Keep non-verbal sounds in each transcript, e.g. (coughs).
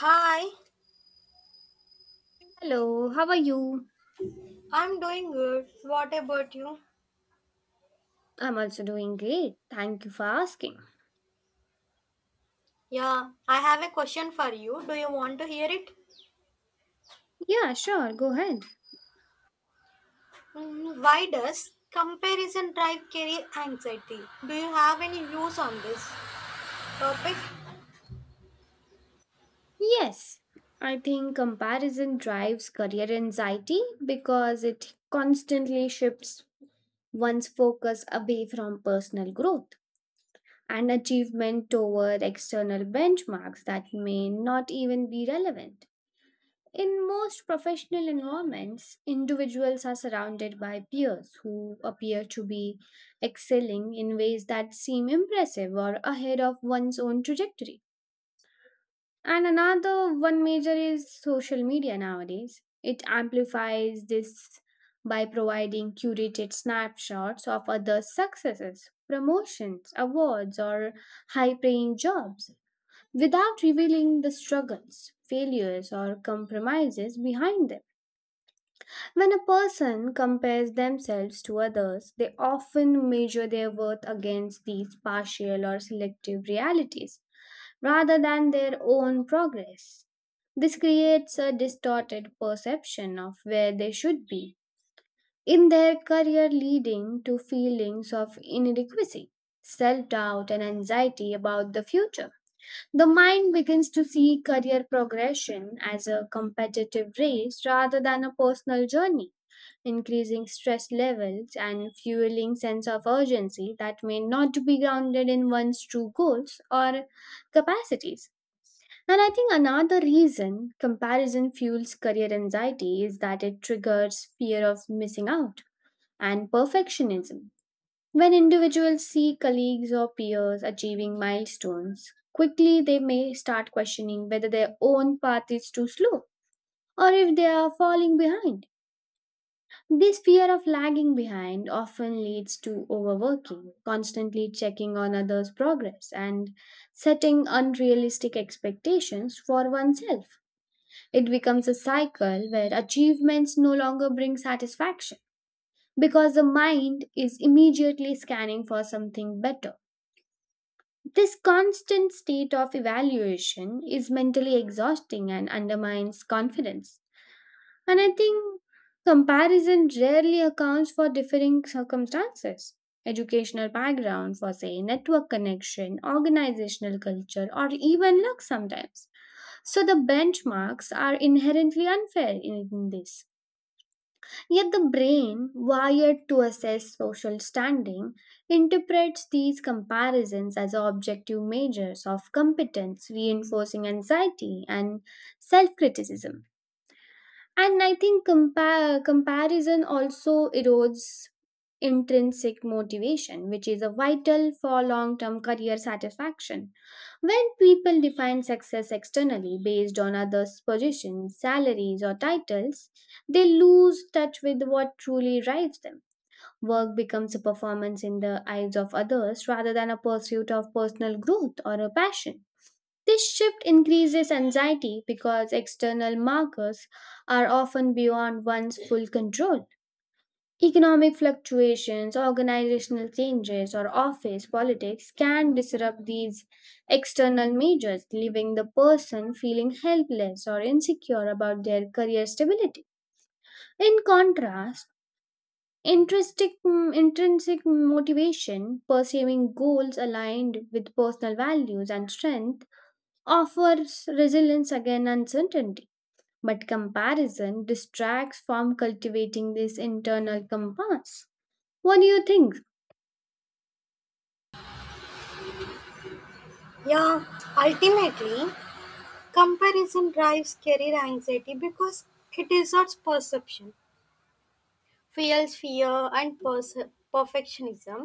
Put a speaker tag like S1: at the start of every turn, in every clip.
S1: Hi,
S2: Hello, how are you?
S1: I'm doing good. What about you?
S2: I'm also doing great. Thank you for asking.
S1: Yeah, I have a question for you. Do you want to hear it?
S2: Yeah, sure, go ahead.
S1: Why does comparison drive career anxiety? Do you have any views on this topic?
S2: Yes, I think comparison drives career anxiety because it constantly shifts one's focus away from personal growth and achievement toward external benchmarks that may not even be relevant. In most professional environments, individuals are surrounded by peers who appear to be excelling in ways that seem impressive or ahead of one's own trajectory. And another one major is social media nowadays. It amplifies this by providing curated snapshots of others' successes, promotions, awards, or high paying jobs without revealing the struggles, failures, or compromises behind them. When a person compares themselves to others, they often measure their worth against these partial or selective realities rather than their own progress. This creates a distorted perception of where they should be in their career, leading to feelings of inadequacy, self doubt, and anxiety about the future. The mind begins to see career progression as a competitive race rather than a personal journey, increasing stress levels and fueling sense of urgency that may not be grounded in one's true goals or capacities. And I think another reason comparison fuels career anxiety is that it triggers fear of missing out and perfectionism. When individuals see colleagues or peers achieving milestones, quickly they may start questioning whether their own path is too slow or if they are falling behind. This fear of lagging behind often leads to overworking, constantly checking on others' progress, and setting unrealistic expectations for oneself. It becomes a cycle where achievements no longer bring satisfaction because the mind is immediately scanning for something better. This constant state of evaluation is mentally exhausting and undermines confidence. And I think comparison rarely accounts for differing circumstances. Educational background, for say, network connection, organizational culture, or even luck sometimes. So the benchmarks are inherently unfair in this. Yet the brain, wired to assess social standing, interprets these comparisons as objective measures of competence, reinforcing anxiety and self criticism. And I think comparison also erodes intrinsic motivation, which is a vital for long term career satisfaction. When people define success externally based on others' positions, salaries, or titles, they lose touch with what truly drives them. Work becomes a performance in the eyes of others rather than a pursuit of personal growth or a passion. This shift increases anxiety because external markers are often beyond one's full control. Economic fluctuations, organizational changes, or office politics can disrupt these external measures, leaving the person feeling helpless or insecure about their career stability. In contrast, intrinsic, intrinsic motivation, pursuing goals aligned with personal values and strength, offers resilience against uncertainty, but comparison distracts from cultivating this internal compass. What do you think?
S1: Yeah, ultimately, comparison drives career anxiety because it distorts perception, fuels fear and perfectionism,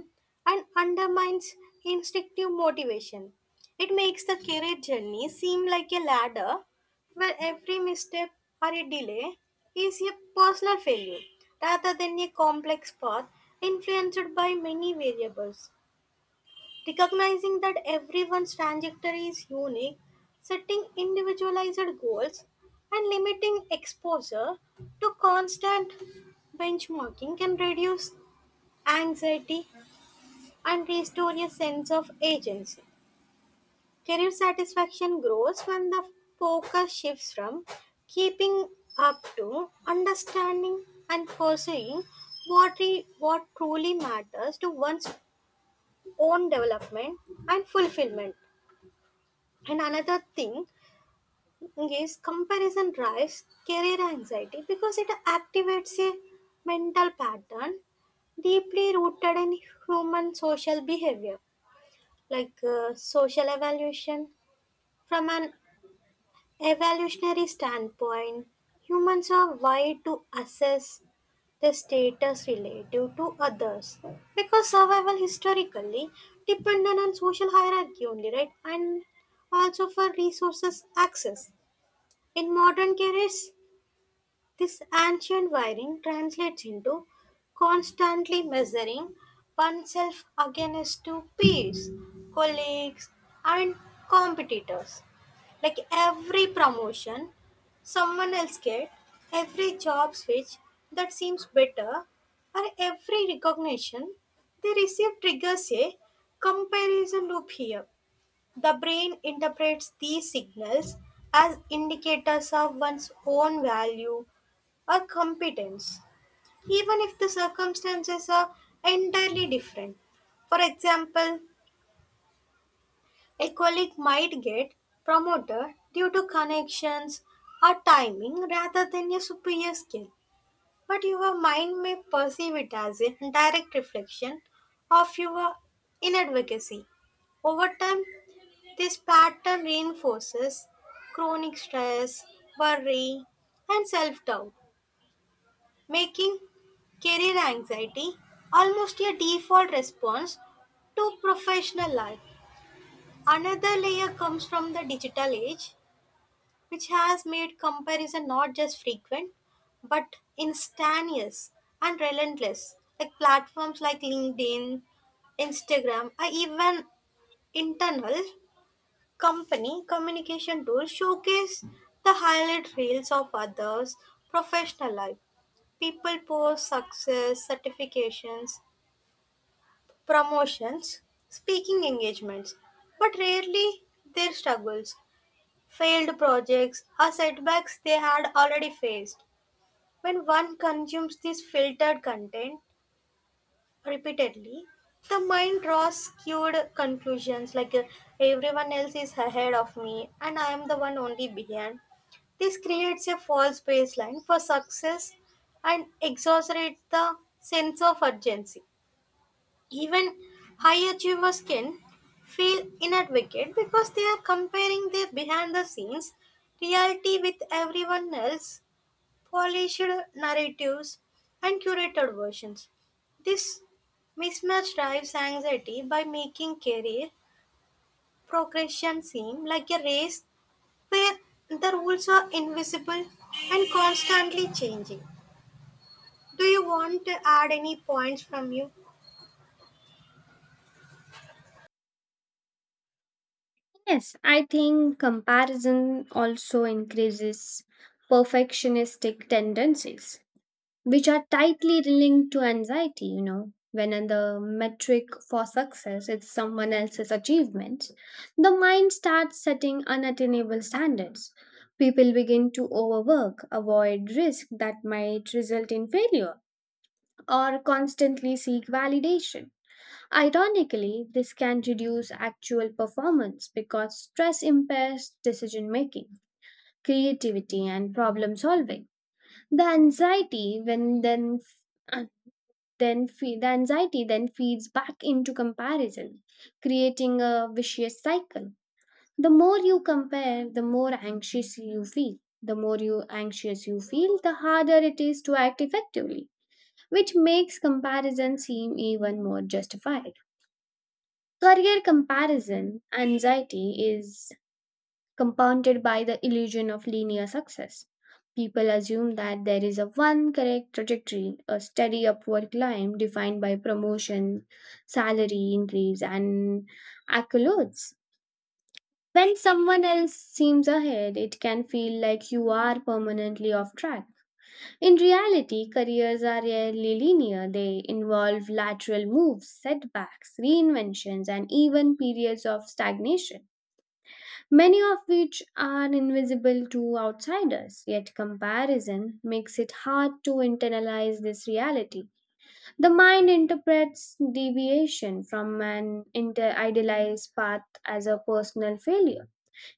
S1: and undermines instinctive motivation. It makes the career journey seem like a ladder where every misstep or a delay is a personal failure rather than a complex path influenced by many variables. Recognizing that everyone's trajectory is unique, setting individualized goals, and limiting exposure to constant benchmarking can reduce anxiety and restore a sense of agency. Career satisfaction grows when the focus shifts from keeping up to understanding and pursuing what truly matters to one's own development and fulfillment. And another thing is comparison drives career anxiety because it activates a mental pattern deeply rooted in human social behavior, like social evaluation. From an evolutionary standpoint, humans are wired to assess their status relative to others because survival historically depended on social hierarchy only, right? And also for resources access. In modern carriers, this ancient wiring translates into constantly measuring oneself against two peers, colleagues, and competitors. Like every promotion someone else gets, every job switch that seems better, or every recognition they receive triggers a comparison loop. Here the brain interprets these signals as indicators of one's own value or competence, even if the circumstances are entirely different. For example, a colleague might get promoted due to connections or timing rather than a superior skill, but your mind may perceive it as a direct reflection of your inadvocacy. Over time, this pattern reinforces chronic stress, worry, and self doubt, making career anxiety almost a default response to professional life. Another layer comes from the digital age, which has made comparison not just frequent but instantaneous and relentless. Like platforms like LinkedIn, Instagram, or even internal company communication tools showcase the highlight reels of others' professional life. People post success, certifications, promotions, speaking engagements, but rarely their struggles, failed projects, or setbacks they had already faced. When one consumes this filtered content repeatedly, the mind draws skewed conclusions like everyone else is ahead of me and I am the one only behind. This creates a false baseline for success and exaggerates the sense of urgency. Even high achievers can feel inadequate because they are comparing their behind the scenes reality with everyone else polished narratives, and curated versions. This mismatch drives anxiety by making career progression seem like a race where the rules are invisible and constantly changing. Do you want to add any points from you?
S2: Yes, I think comparison also increases perfectionistic tendencies which are tightly linked to anxiety, you know. When the metric for success is someone else's achievements, the mind starts setting unattainable standards. People begin to overwork, avoid risk that might result in failure, or constantly seek validation. Ironically, this can reduce actual performance because stress impairs decision making, creativity, and problem solving. The anxiety when then the anxiety then feeds back into comparison, creating a vicious cycle. The more you compare, the more anxious you feel. The more you anxious you feel, the harder it is to act effectively, which makes comparison seem even more justified. Career comparison anxiety is compounded by the illusion of linear success. People assume that there is a one correct trajectory, a steady upward climb defined by promotion, salary increase, and accolades. When someone else seems ahead, it can feel like you are permanently off track. In reality, careers are rarely linear. They involve lateral moves, setbacks, reinventions, and even periods of stagnation, many of which are invisible to outsiders. Yet, comparison makes it hard to internalize this reality. The mind interprets deviation from an idealized path as a personal failure,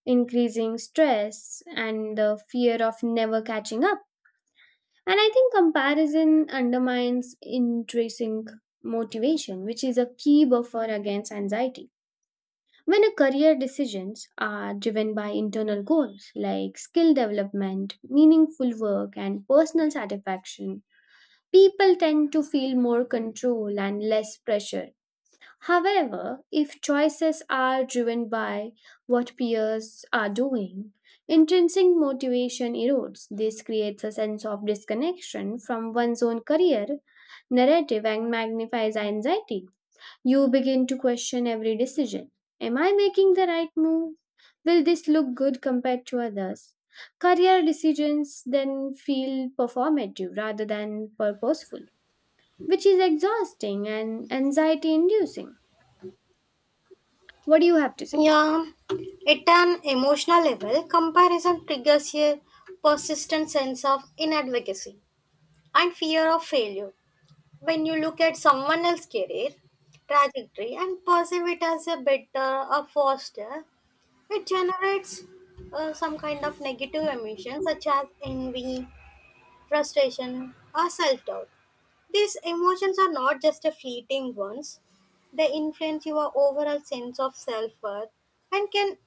S2: increasing stress and the fear of never catching up. And I think comparison undermines intrinsic motivation, which is a key buffer against anxiety. When a career decisions are driven by internal goals like skill development, meaningful work, and personal satisfaction, people tend to feel more control and less pressure. However, if choices are driven by what peers are doing, intrinsic motivation erodes. This creates a sense of disconnection from one's own career narrative and magnifies anxiety. You begin to question every decision. Am I making the right move? Will this look good compared to others? Career decisions then feel performative rather than purposeful, which is exhausting and anxiety inducing. What do you have to say?
S1: Yeah, at an emotional level, comparison triggers a persistent sense of inadequacy and fear of failure. When you look at someone else's career trajectory and perceive it as a better or faster, it generates some kind of negative emotions such as envy, frustration, or self doubt. These emotions are not just a fleeting ones, they influence your overall sense of self worth and can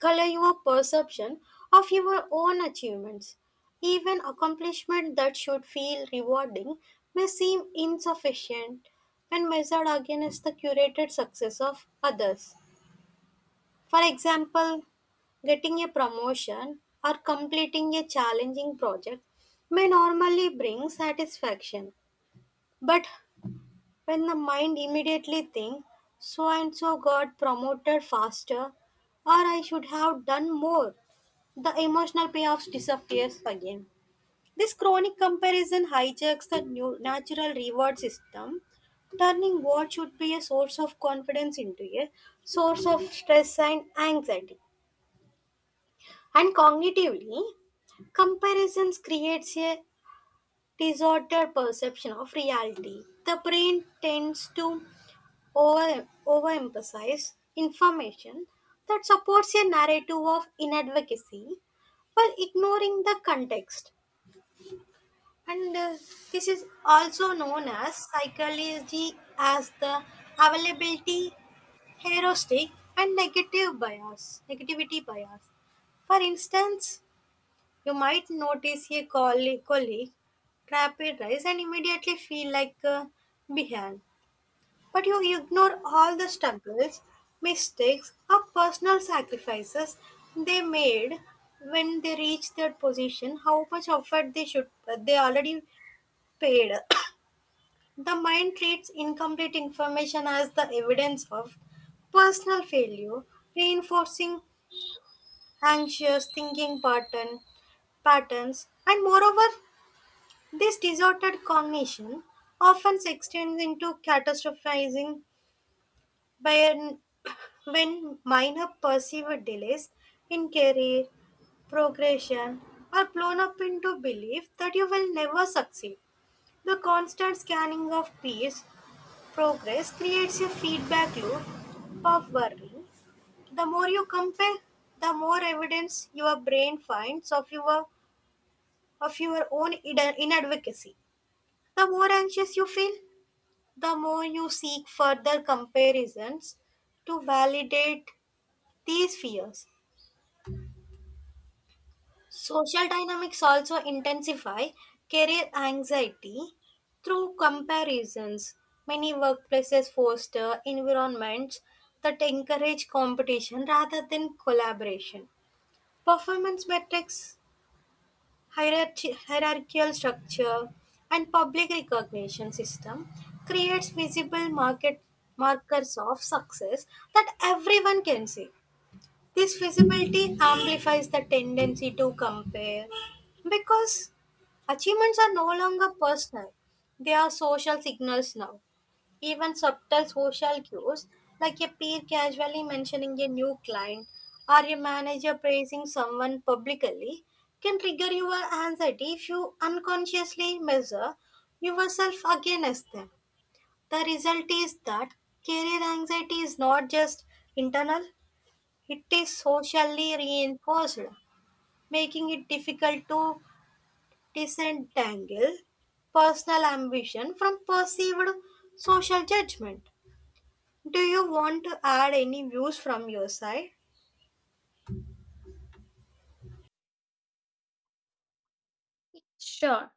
S1: color your perception of your own achievements. Even accomplishment that should feel rewarding may seem insufficient when measured against the curated success of others. For example, getting a promotion or completing a challenging project may normally bring satisfaction. But when the mind immediately thinks, so and so got promoted faster, or I should have done more, the emotional payoffs disappears again. This chronic comparison hijacks the new natural reward system, turning what should be a source of confidence into a source of stress and anxiety. And cognitively, comparisons creates a disordered perception of reality. The brain tends to overemphasize information that supports a narrative of inadequacy while ignoring the context. And this is also known as psychology as the availability heuristic and negativity bias. For instance, you might notice a colleague trap and immediately feel like behind. But you ignore all the struggles, mistakes, or personal sacrifices they made when they reached that position, how much effort they already paid. The mind treats incomplete information as the evidence of personal failure, reinforcing anxious patterns, and moreover, this disordered cognition often extends into catastrophizing when, when minor perceived delays in career, progression are blown up into belief that you will never succeed. The constant scanning of peers progress creates a feedback loop of learning. The more you compare, the more evidence your brain finds of your own inadvocacy. The more anxious you feel, the more you seek further comparisons to validate these fears. Social dynamics also intensify career anxiety through comparisons. Many workplaces foster environments that encourage competition rather than collaboration. Performance metrics, hierarchical structure, and public recognition system creates visible market markers of success that everyone can see. This visibility amplifies the tendency to compare because achievements are no longer personal, they are social signals now. Even subtle social cues, like a peer casually mentioning a new client or a manager praising someone publicly, can trigger your anxiety if you unconsciously measure yourself against them. The result is that career anxiety is not just internal, it is socially reinforced, making it difficult to disentangle personal ambition from perceived social judgment. Do you want to add any views from your side?
S2: Sure.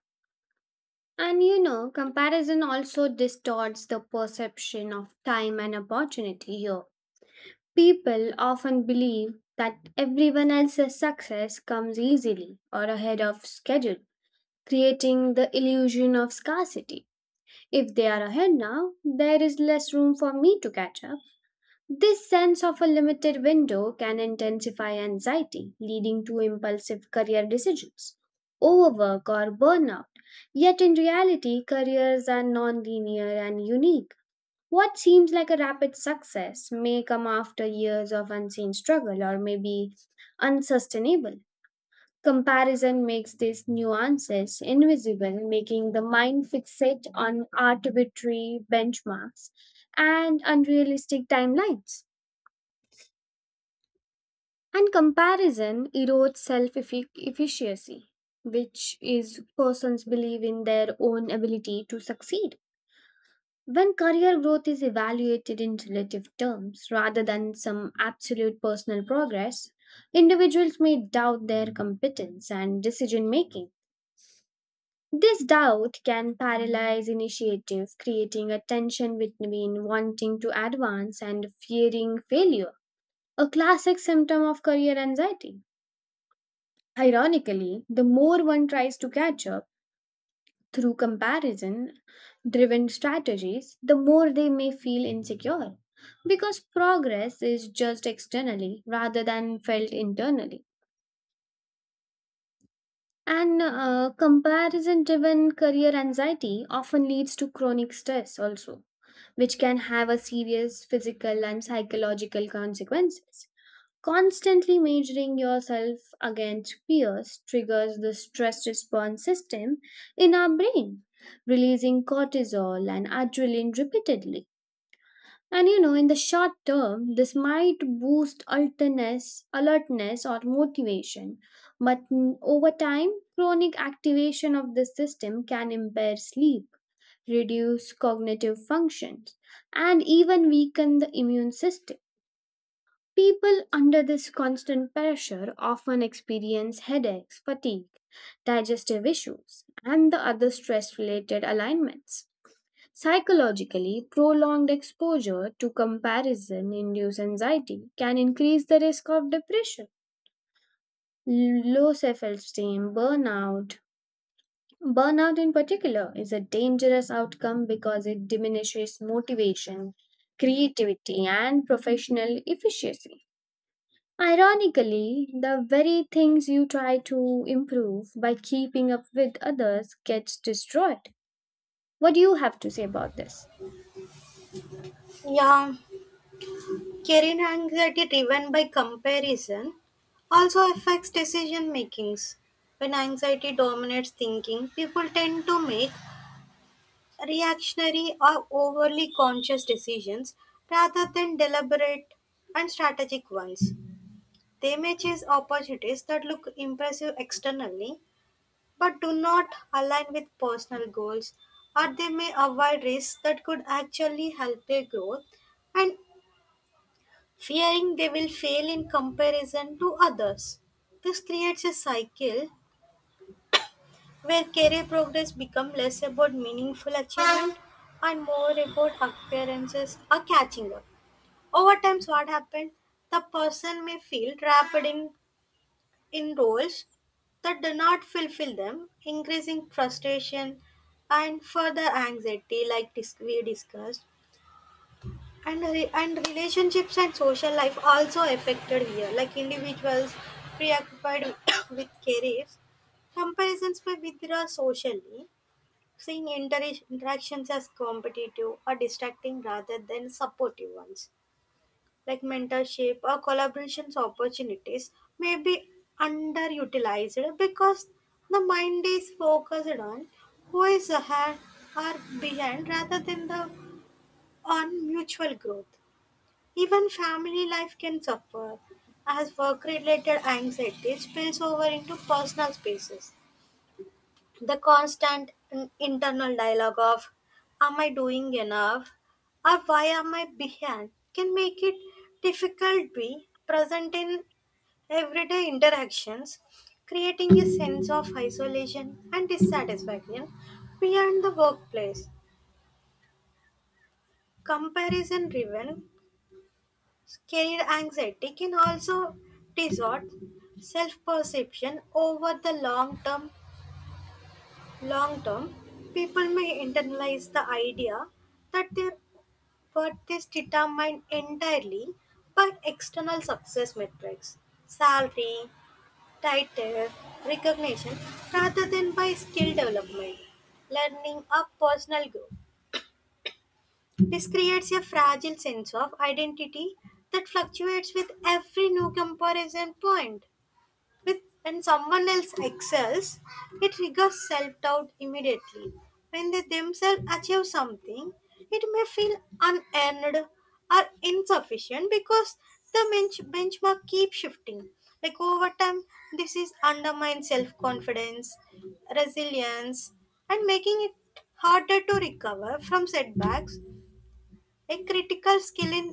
S2: And you know, comparison also distorts the perception of time and opportunity here. People often believe that everyone else's success comes easily or ahead of schedule, creating the illusion of scarcity. If they are ahead now, there is less room for me to catch up. This sense of a limited window can intensify anxiety, leading to impulsive career decisions, overwork, or burnout. Yet in reality, careers are non-linear and unique. What seems like a rapid success may come after years of unseen struggle or may be unsustainable. Comparison makes these nuances invisible, making the mind fixate on arbitrary benchmarks and unrealistic timelines. And comparison erodes self efficacy, which is persons believe in their own ability to succeed. When career growth is evaluated in relative terms rather than some absolute personal progress, individuals may doubt their competence and decision making. This doubt can paralyze initiative, creating a tension between wanting to advance and fearing failure, a classic symptom of career anxiety. Ironically, the more one tries to catch up through comparison driven strategies, the more they may feel insecure because progress is judged externally rather than felt internally. And comparison driven career anxiety often leads to chronic stress also, which can have a serious physical and psychological consequences. Constantly measuring yourself against peers triggers the stress response system in our brain, releasing cortisol and adrenaline repeatedly. And you know, in the short term, this might boost alertness or motivation, but over time, chronic activation of this system can impair sleep, reduce cognitive functions, and even weaken the immune system. People under this constant pressure often experience headaches, fatigue, digestive issues, and the other stress related alignments. Psychologically, prolonged exposure to comparison induced anxiety can increase the risk of depression, low self esteem, burnout. Burnout, in particular, is a dangerous outcome because it diminishes motivation, creativity, and professional efficiency. Ironically, the very things you try to improve by keeping up with others gets destroyed. What do you have to say about this?
S1: Yeah, career anxiety driven by comparison also affects decision makings. When anxiety dominates thinking, people tend to make reactionary or overly conscious decisions rather than deliberate and strategic ones. They may chase opportunities that look impressive externally but do not align with personal goals, or they may avoid risks that could actually help their growth and fearing they will fail in comparison to others. This creates a cycle where career progress become less about meaningful achievement and more about appearances or catching up. Over time, so what happened? The person may feel in roles that do not fulfill them, increasing frustration and further anxiety, like we discussed. And relationships and social life also affected here, like individuals preoccupied (coughs) with careers comparisons may withdraw socially. Seeing interactions as competitive or distracting rather than supportive ones, like mentorship or collaborations opportunities, may be underutilized because the mind is focused on who is ahead or behind rather than the on mutual growth. Even family life can suffer as work-related anxieties spills over into personal spaces. The constant internal dialogue of "Am I doing enough?" or "Why am I behind?" can make it difficult to be present in everyday interactions, creating a sense of isolation and dissatisfaction beyond the workplace. Comparison driven career anxiety can also distort self perception over the long term. Long term, people may internalize the idea that their worth is determined entirely by external success metrics, salary, title, recognition, rather than by skill development, learning, or personal growth. This creates a fragile sense of identity that fluctuates with every new comparison point. With when someone else excels, it triggers self-doubt immediately. When they themselves achieve something, it may feel unearned or insufficient because the benchmark keeps shifting. Like over time, this is undermines self-confidence, resilience, and making it harder to recover from setbacks, a critical skill in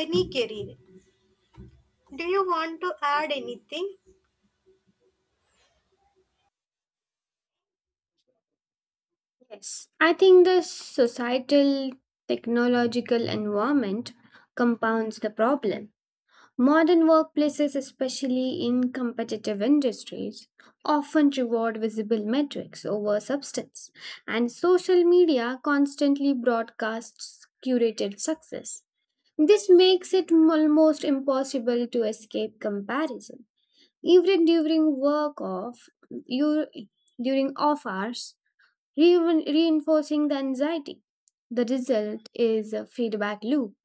S1: any career. Do you want to add anything?
S2: Yes, I think the societal technological environment compounds the problem. Modern workplaces, especially in competitive industries, often reward visible metrics over substance, and social media constantly broadcasts curated success. This makes it almost impossible to escape comparison. Even you, during off hours, reinforcing the anxiety. The result is a feedback loop.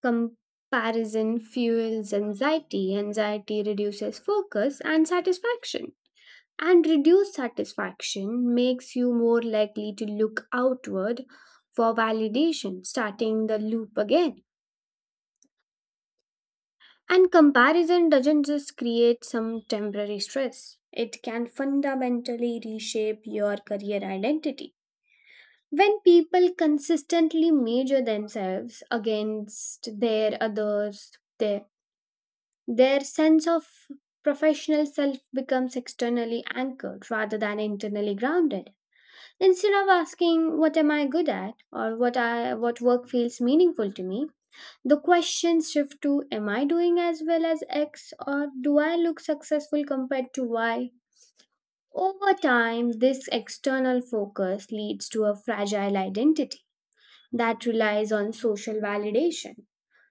S2: Comparison fuels anxiety, anxiety reduces focus and satisfaction. And reduced satisfaction makes you more likely to look outward for validation, starting the loop again. And comparison doesn't just create some temporary stress, it can fundamentally reshape your career identity. When people consistently measure themselves against their others, their their sense of professional self becomes externally anchored rather than internally grounded. Instead of asking what am I good at or what work feels meaningful to me, the questions shift to am I doing as well as X or do I look successful compared to Y? Over time, this external focus leads to a fragile identity that relies on social validation.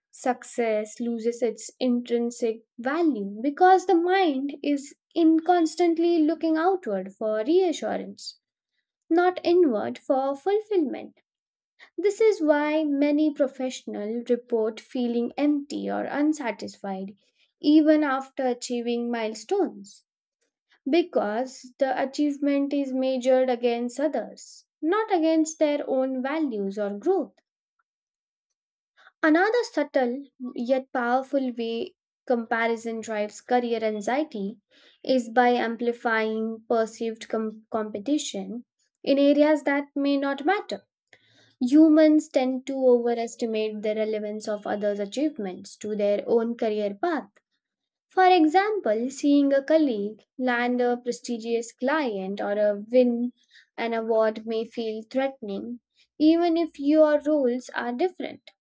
S2: Success loses its intrinsic value because the mind is in constantly looking outward for reassurance, not inward for fulfillment. This is why many professionals report feeling empty or unsatisfied even after achieving milestones, because the achievement is measured against others, not against their own values or growth. Another subtle yet powerful way comparison drives career anxiety is by amplifying perceived competition in areas that may not matter. Humans tend to overestimate the relevance of others' achievements to their own career path. For example, seeing a colleague land a prestigious client or a win an award may feel threatening, even if your roles are different.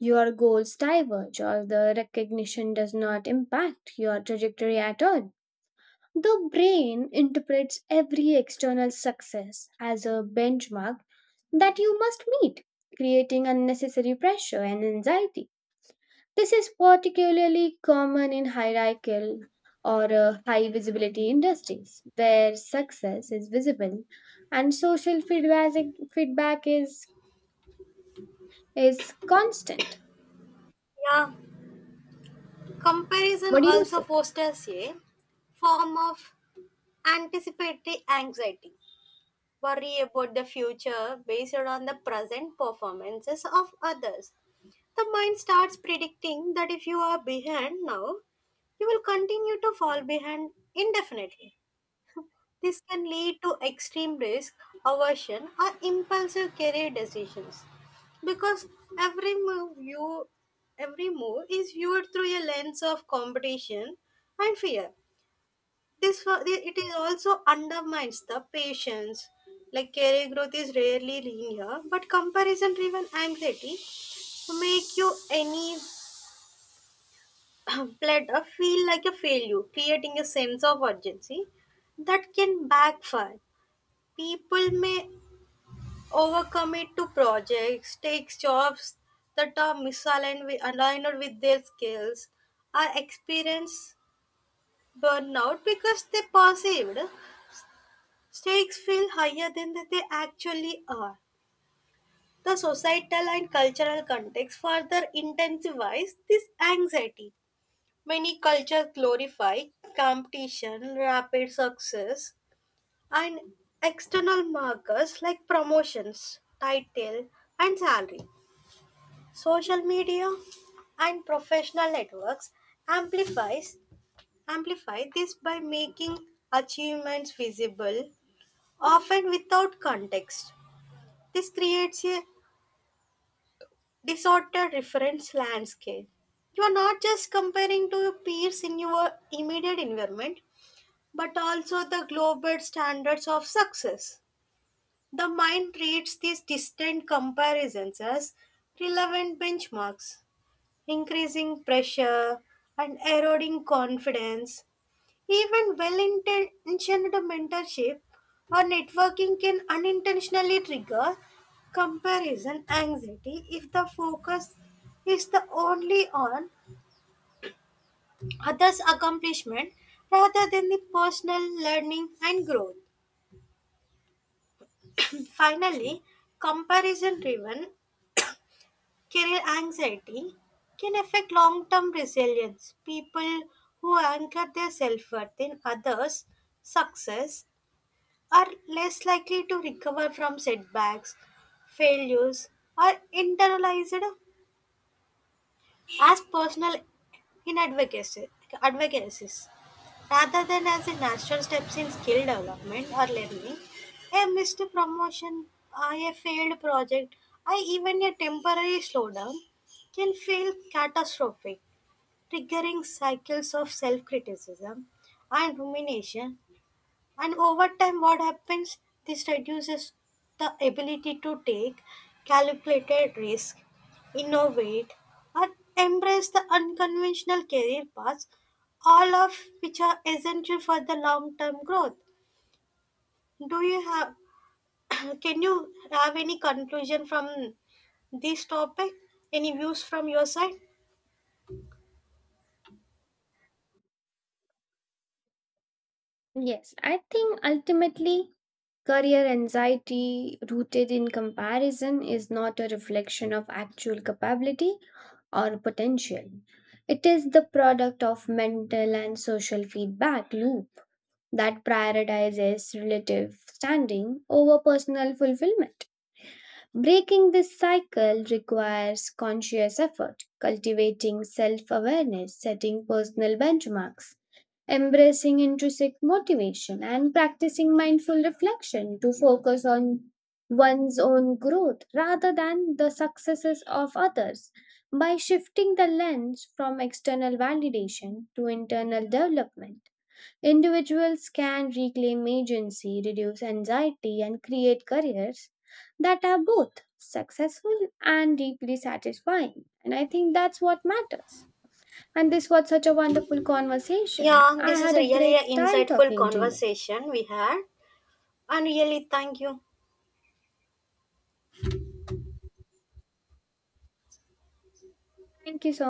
S2: Your goals diverge or the recognition does not impact your trajectory at all. The brain interprets every external success as a benchmark that you must meet, creating unnecessary pressure and anxiety. This is particularly common in hierarchical or high visibility industries where success is visible and social feedback is constant.
S1: Yeah. Comparison
S2: What do you
S1: also
S2: say?
S1: fosters a form of anticipatory anxiety, worry about the future based on the present performances of others. The mind starts predicting that if you are behind now, you will continue to fall behind indefinitely. This can lead to extreme risk aversion or impulsive career decisions because every move you every move is viewed through a lens of competition and fear. It is also undermines the patience. Like career growth is rarely linear, but comparison-driven anxiety make you any (clears throat) platter feel like a failure, creating a sense of urgency that can backfire. People may overcommit to projects, takes jobs that are aligned with their skills, or experience burnout because they perceived stakes feel higher than that they actually are. The societal and cultural context further intensifies this anxiety. Many cultures glorify competition, rapid success, and external markers like promotions, title, and salary. Social media and professional networks amplifies amplify this by making achievements visible, often without context. This creates a disordered reference landscape. You are not just comparing to your peers in your immediate environment, but also the global standards of success. The mind treats these distant comparisons as relevant benchmarks, increasing pressure and eroding confidence. Even well intentioned mentorship or networking can unintentionally trigger comparison anxiety if the focus is the only on others' accomplishment rather than the personal learning and growth. Finally, comparison driven career anxiety can affect long term resilience. People who anchor their self worth in others' success are less likely to recover from setbacks, failures, or internalized as personal inadvocacy. Advocacies. Rather than as a natural steps in skill development or learning. A missed promotion, a failed project, or even a temporary slowdown can feel catastrophic, triggering cycles of self criticism and rumination, and over time, what happens? This reduces the ability to take calculated risk, innovate, and embrace the unconventional career paths, all of which are essential for the long term growth. Do you have (clears throat) can you have any conclusion from this topic? Any views from your side?
S2: Yes, I think ultimately career anxiety rooted in comparison is not a reflection of actual capability or potential. It is the product of mental and social feedback loop that prioritizes relative standing over personal fulfillment. Breaking this cycle requires conscious effort, cultivating self awareness, setting personal benchmarks, embracing intrinsic motivation, and practicing mindful reflection to focus on one's own growth rather than the successes of others. By shifting the lens from external validation to internal development, individuals can reclaim agency, reduce anxiety, and create careers that are both successful and deeply satisfying. And I think that's what matters. And this was such a wonderful conversation.
S1: Yeah,
S2: I
S1: this is
S2: had a
S1: really
S2: great
S1: an
S2: time
S1: insightful
S2: talking to you.
S1: conversation we had, and really thank you.
S2: Thank you so